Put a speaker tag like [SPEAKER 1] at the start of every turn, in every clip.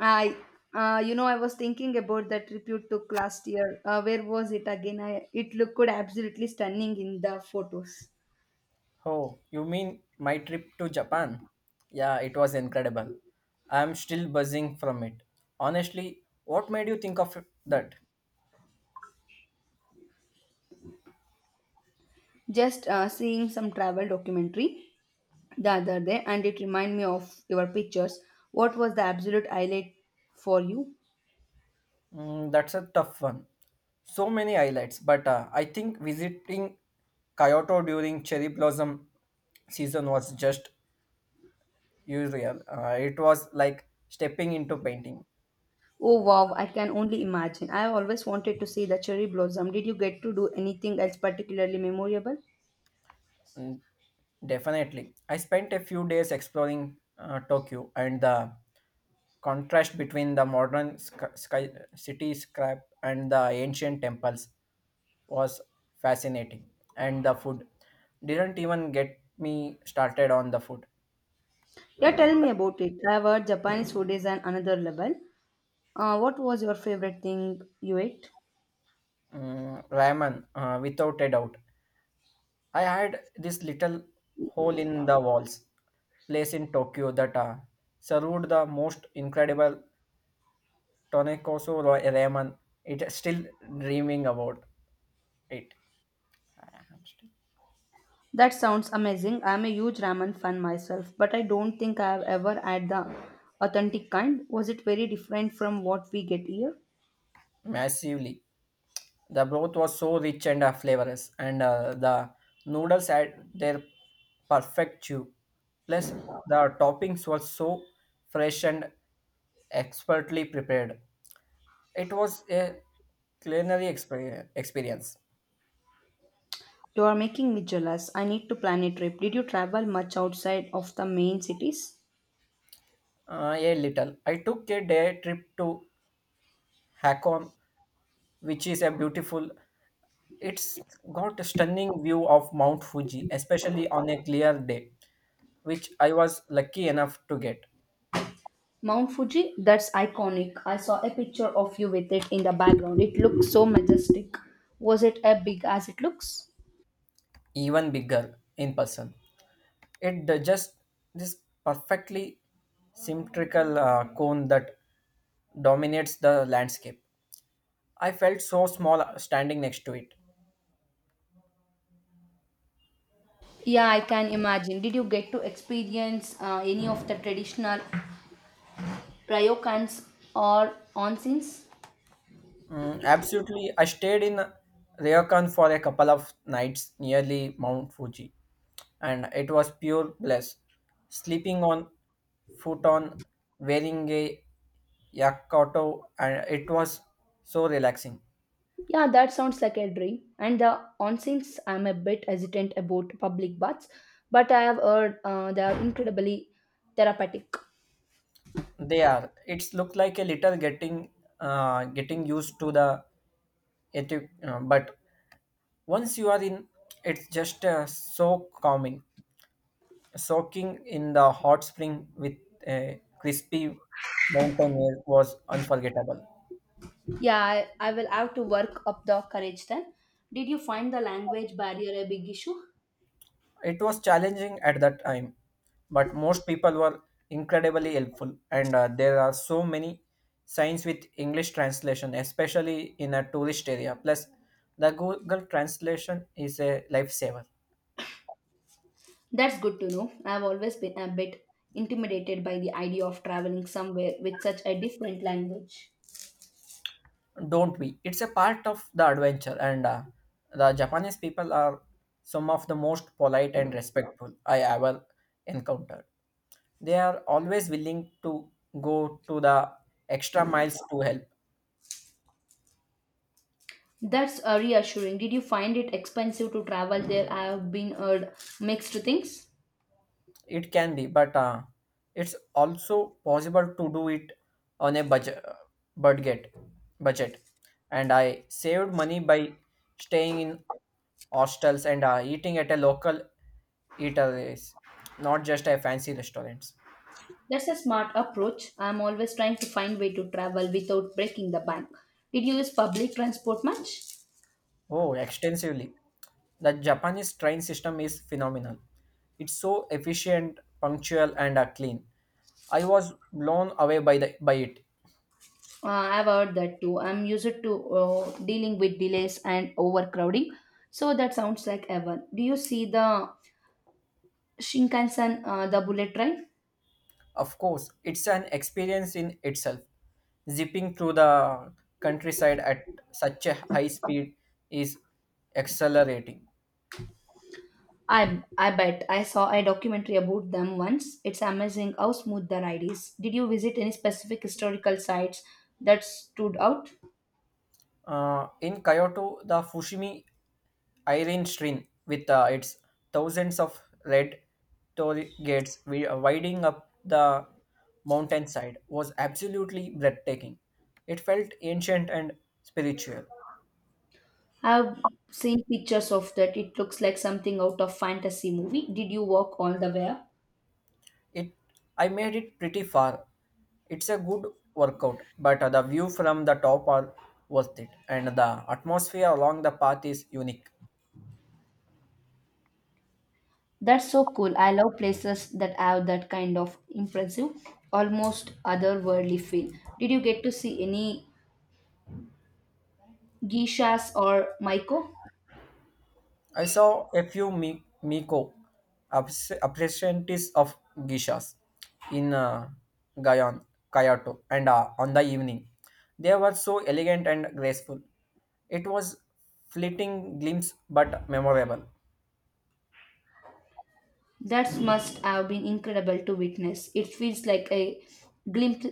[SPEAKER 1] I, I was thinking about that trip you took last year. Where was it again? It looked absolutely stunning in the photos.
[SPEAKER 2] Oh, you mean my trip to Japan? Yeah, it was incredible. I am still buzzing from it. Honestly, what made you think of that?
[SPEAKER 1] Just seeing some travel documentary the other day, and it reminded me of your pictures. What was the absolute highlight for you?
[SPEAKER 2] Mm, that's a tough one. So many highlights, but I think visiting Kyoto during cherry blossom season was just unreal. It was like stepping into painting.
[SPEAKER 1] Oh wow, I can only imagine. I always wanted to see the cherry blossom. Did you get to do anything else particularly memorable?
[SPEAKER 2] Mm, definitely. I spent a few days exploring Tokyo and the contrast between the modern city scrap and the ancient temples was fascinating. And the food didn't even get me started on the food.
[SPEAKER 1] Yeah, tell me about it. I've heard Japanese food is on another level. What was your favorite thing you ate?
[SPEAKER 2] Mm, ramen, without a doubt. I had this little hole in the walls place in Tokyo that served the most incredible Tonic also Raymond. It still dreaming about it. I am still
[SPEAKER 1] That sounds amazing. I'm a huge ramen fan myself, but I don't think I have ever had the authentic kind. Was it very different from what we get here?
[SPEAKER 2] massively. The broth was so rich and flavorous, and the noodles had their perfect chew. Plus, the toppings were so fresh and expertly prepared. It was a culinary experience.
[SPEAKER 1] You are making me jealous. I need to plan a trip. Did you travel much outside of the main cities?
[SPEAKER 2] A little. I took a day trip to Hakon, which is a beautiful. It's got a stunning view of Mount Fuji, especially on a clear day, which I was lucky enough to get
[SPEAKER 1] Mount Fuji? That's iconic. I saw a picture of you with it in the background. It looks so majestic. Was it as big as it looks?
[SPEAKER 2] even bigger in person. Just this perfectly symmetrical cone that dominates the landscape. I felt so small standing next to it.
[SPEAKER 1] Yeah, I can imagine. Did you get to experience any of the traditional ryokans or onsens?
[SPEAKER 2] Mm, absolutely. I stayed in Ryokan for a couple of nights nearly Mount Fuji, and it was pure bliss. Sleeping on futon, wearing a yakoto, and it was so relaxing.
[SPEAKER 1] Yeah, that sounds like a dream. And the onsins, I'm a bit hesitant about public baths, but I have heard they are incredibly therapeutic.
[SPEAKER 2] They are. It's looked like a little getting used to the it, but once you are in, it's just so calming. Soaking in the hot spring with a crispy mountain air was unforgettable.
[SPEAKER 1] Yeah, I will have to work up the courage then. Did you find the language barrier a big issue?
[SPEAKER 2] It was challenging at that time, but most people were incredibly helpful, and there are so many signs with English translation, especially in a tourist area. Plus, the Google translation is a lifesaver.
[SPEAKER 1] That's good to know. I've always been a bit intimidated by the idea of traveling somewhere with such a different language.
[SPEAKER 2] Don't we? It's a part of the adventure, and the Japanese people are some of the most polite and respectful I ever encountered. They are always willing to go to the extra miles to help.
[SPEAKER 1] That's reassuring. Did you find it expensive to travel there? I have been heard mixed things.
[SPEAKER 2] It can be, but it's also possible to do it on a budget budget budget, and I saved money by staying in hostels and eating at a local eateries, not just a fancy restaurants.
[SPEAKER 1] That's a smart approach. I'm always trying to find way to travel without breaking the bank. Did you use public transport much?
[SPEAKER 2] Oh, extensively. The Japanese train system is phenomenal. It's so efficient, punctual and clean. I was blown away by the by it.
[SPEAKER 1] I've heard that too. I'm used to dealing with delays and overcrowding. So that sounds like heaven. Do you see the Shinkansen, the bullet train?
[SPEAKER 2] Of course, it's an experience in itself. Zipping through the countryside at such a high speed is accelerating.
[SPEAKER 1] I bet I saw a documentary about them once. It's amazing how smooth the ride is. Did you visit any specific historical sites that stood out?
[SPEAKER 2] In Kyoto, the Fushimi Iron Shrine, with its thousands of red torii gates winding up the mountainside, was absolutely breathtaking. It felt ancient and spiritual.
[SPEAKER 1] I've seen pictures of that. It looks like something out of fantasy movie. Did you walk all the way up?
[SPEAKER 2] It I made it pretty far. It's a good workout, but the view from the top are worth it, and the atmosphere along the path is unique.
[SPEAKER 1] That's so cool. I love places that have that kind of impressive, almost otherworldly feel. Did you get to see any geishas or maiko?
[SPEAKER 2] I saw a few Miko, apprentices of geishas in Gayon, Kyoto, and on the evening, they were so elegant and graceful. It was fleeting glimpse, but memorable.
[SPEAKER 1] That must have been incredible to witness. It feels like a glimpse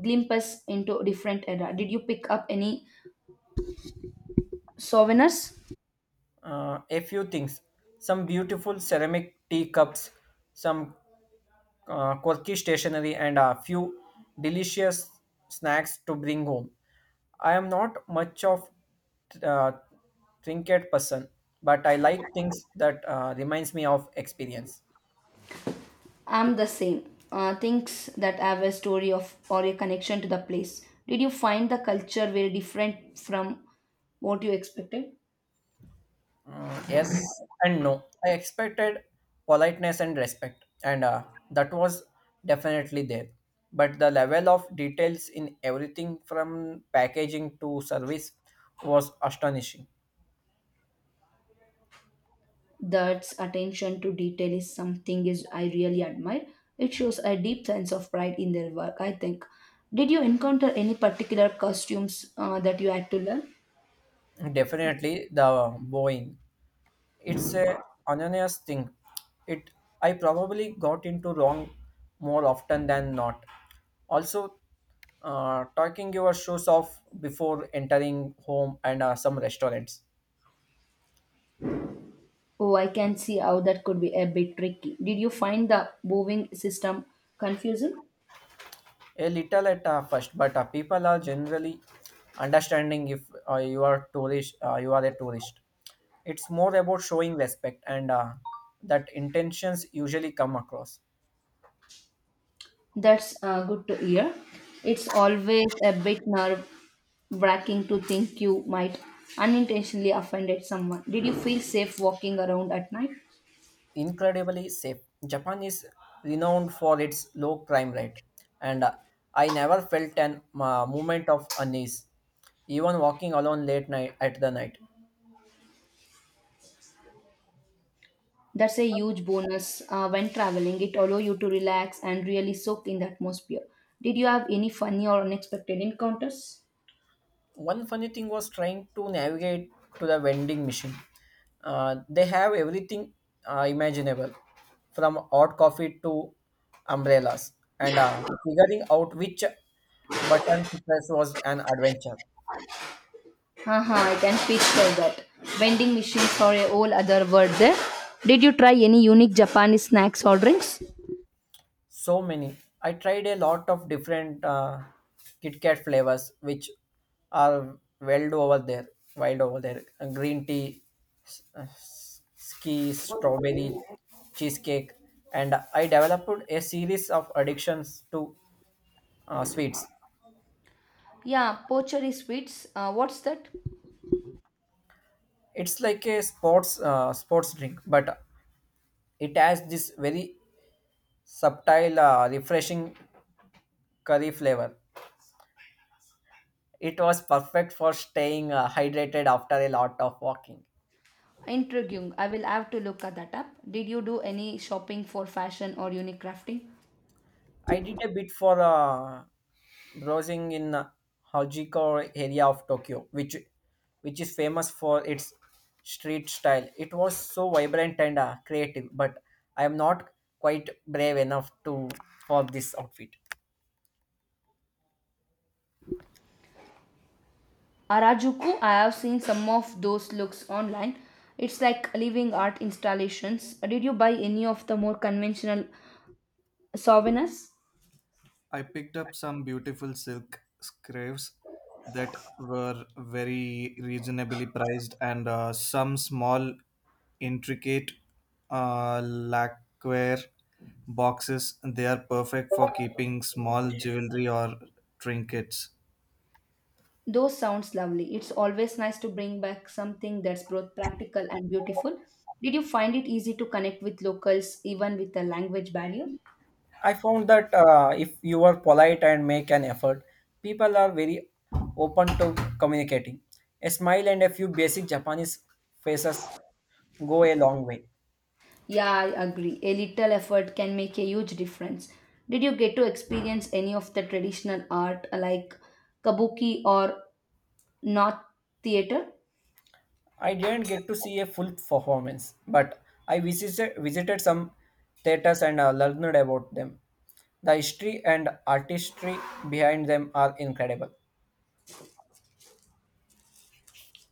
[SPEAKER 1] glimpse into a different era. Did you pick up any souvenirs?
[SPEAKER 2] A few things, some beautiful ceramic teacups, some quirky stationery and a few delicious snacks to bring home. I am not much of uh, trinket person, but I like things that reminds me of experience.
[SPEAKER 1] I'm the same. Things that have a story of or a connection to the place. Did you find the culture very different from what you expected?
[SPEAKER 2] Mm, yes and no. I expected politeness and respect, and that was definitely there. But the level of details in everything from packaging to service was astonishing.
[SPEAKER 1] That's attention to detail is something is I really admire. It shows a deep sense of pride in their work, I think. Did you encounter any particular costumes that you had to learn?
[SPEAKER 2] Definitely the Boeing. It's a anonymous thing. It I probably got into wrong more often than not. Also, talking your shoes off before entering home and some restaurants.
[SPEAKER 1] Oh, I can see how that could be a bit tricky. Did you find the moving system confusing?
[SPEAKER 2] A little at first, but people are generally understanding if you are a tourist. It's more about showing respect, and that intentions usually come across.
[SPEAKER 1] That's good to hear. It's always a bit nerve wracking to think you might unintentionally offended someone. Did you feel safe walking around at night?
[SPEAKER 2] Incredibly safe. Japan is renowned for its low crime rate, and I never felt an moment of unease, even walking alone late night at the night.
[SPEAKER 1] That's a huge bonus when traveling. It allows you to relax and really soak in the atmosphere. Did you have any funny or unexpected encounters?
[SPEAKER 2] One funny thing was trying to navigate to the vending machine. They have everything imaginable, from hot coffee to umbrellas, and figuring out which button to press was an adventure.
[SPEAKER 1] Haha, I can picture that. Vending machines are a whole other world there. Did you try any unique Japanese snacks or drinks?
[SPEAKER 2] So many. I tried a lot of different Kit Kat flavors, which are wild over there. Wild over there. Green tea, ski, strawberry, cheesecake, and I developed a series of addictions to sweets.
[SPEAKER 1] Yeah, pochari sweets. What's that?
[SPEAKER 2] It's like a sports drink, but it has this very subtle, refreshing curry flavor. It was perfect for staying hydrated after a lot of walking.
[SPEAKER 1] Intriguing. I will have to look at that up. Did you do any shopping for fashion or unique crafting?
[SPEAKER 2] I did a bit for browsing in Hajiko area of Tokyo, which is famous for its street style. It was so vibrant and creative, but I am not quite brave enough to for this outfit.
[SPEAKER 1] Harajuku, I have seen some of those looks online. It's like living art installations. Did you buy any of the more conventional souvenirs?
[SPEAKER 2] I picked up some beautiful silk scarves that were very reasonably priced, and some small, intricate lacquer boxes. They are perfect for keeping small jewelry or trinkets.
[SPEAKER 1] Those sounds lovely. It's always nice to bring back something that's both practical and beautiful. Did you find it easy to connect with locals even with the language barrier?
[SPEAKER 2] I found that if you are polite and make an effort, people are very open to communicating. A smile and a few basic Japanese faces go a long way.
[SPEAKER 1] Yeah, I agree. A little effort can make a huge difference. Did you get to experience any of the traditional art like kabuki or not theater?
[SPEAKER 2] I didn't get to see a full performance, but I visited some theaters and learned about them. The history and artistry behind them are incredible.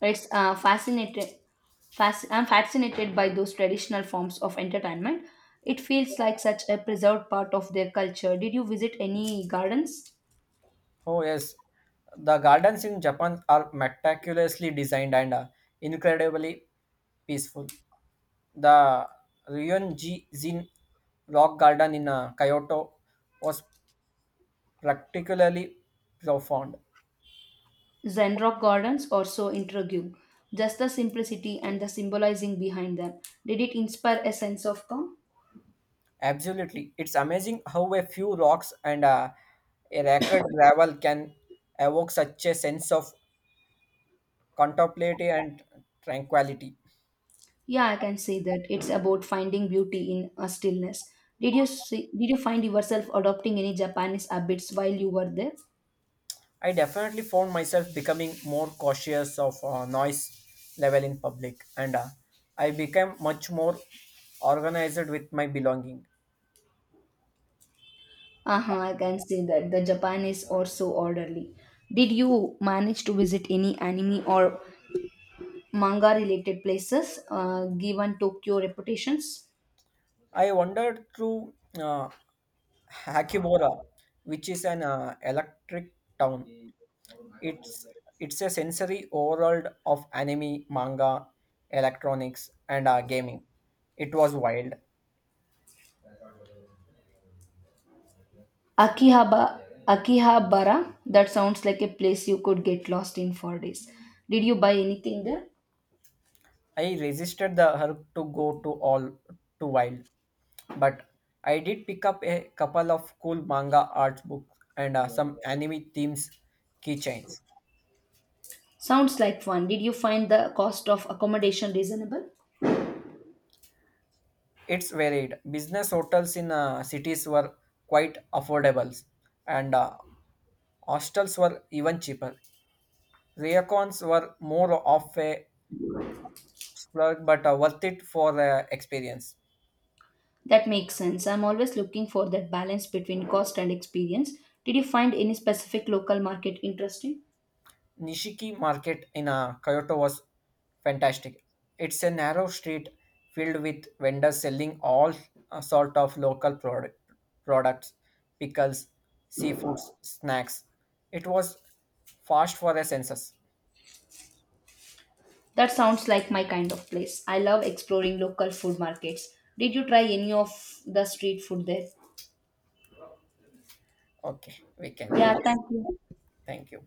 [SPEAKER 1] It's I'm fascinated by those traditional forms of entertainment. It feels like such a preserved part of their culture. Did you visit any gardens?
[SPEAKER 2] Oh, yes, the gardens in Japan are meticulously designed and incredibly peaceful. The Ryonji Zin Rock Garden in Kyoto was particularly profound.
[SPEAKER 1] Zen rock gardens or so intriguing. Just the simplicity and the symbolizing behind them. Did it inspire a sense of calm?
[SPEAKER 2] Absolutely. It's amazing how a few rocks and a record gravel can evoke such a sense of contemplative and tranquility.
[SPEAKER 1] Yeah, I can say that it's about finding beauty in a stillness. Did you find yourself adopting any Japanese habits while you were there?
[SPEAKER 2] I definitely found myself becoming more cautious of noise level in public, and I became much more organized with my belonging.
[SPEAKER 1] Uh-huh, I can say that the Japanese are so orderly. Did you manage to visit any anime or manga related places given Tokyo reputations?
[SPEAKER 2] I wandered through uh, Hakibora, which is an electric town. It's it's a sensory overworld of anime, manga, electronics, and gaming. It was wild.
[SPEAKER 1] Akihabara, Akihabara, that sounds like a place you could get lost in for days. Did you buy anything there?
[SPEAKER 2] I resisted the urge to go to all too wild, but I did pick up a couple of cool manga art books and some anime themes keychains.
[SPEAKER 1] Sounds like fun. Did you find the cost of accommodation reasonable?
[SPEAKER 2] It's varied. Business hotels in cities were quite affordable, and hostels were even cheaper. Raycons were more of a plug, but worth it for the experience.
[SPEAKER 1] That makes sense. I'm always looking for that balance between cost and experience. Did you find any specific local market interesting?
[SPEAKER 2] Nishiki Market in Kyoto was fantastic. It's a narrow street filled with vendors selling all uh, sort of local product, products, pickles, seafoods, snacks. It was fast for the senses.
[SPEAKER 1] That sounds like my kind of place. I love exploring local food markets. Did you try any of the street food there?
[SPEAKER 2] Okay, we can end
[SPEAKER 1] Yeah, thank
[SPEAKER 2] this.
[SPEAKER 1] you.
[SPEAKER 2] Thank you.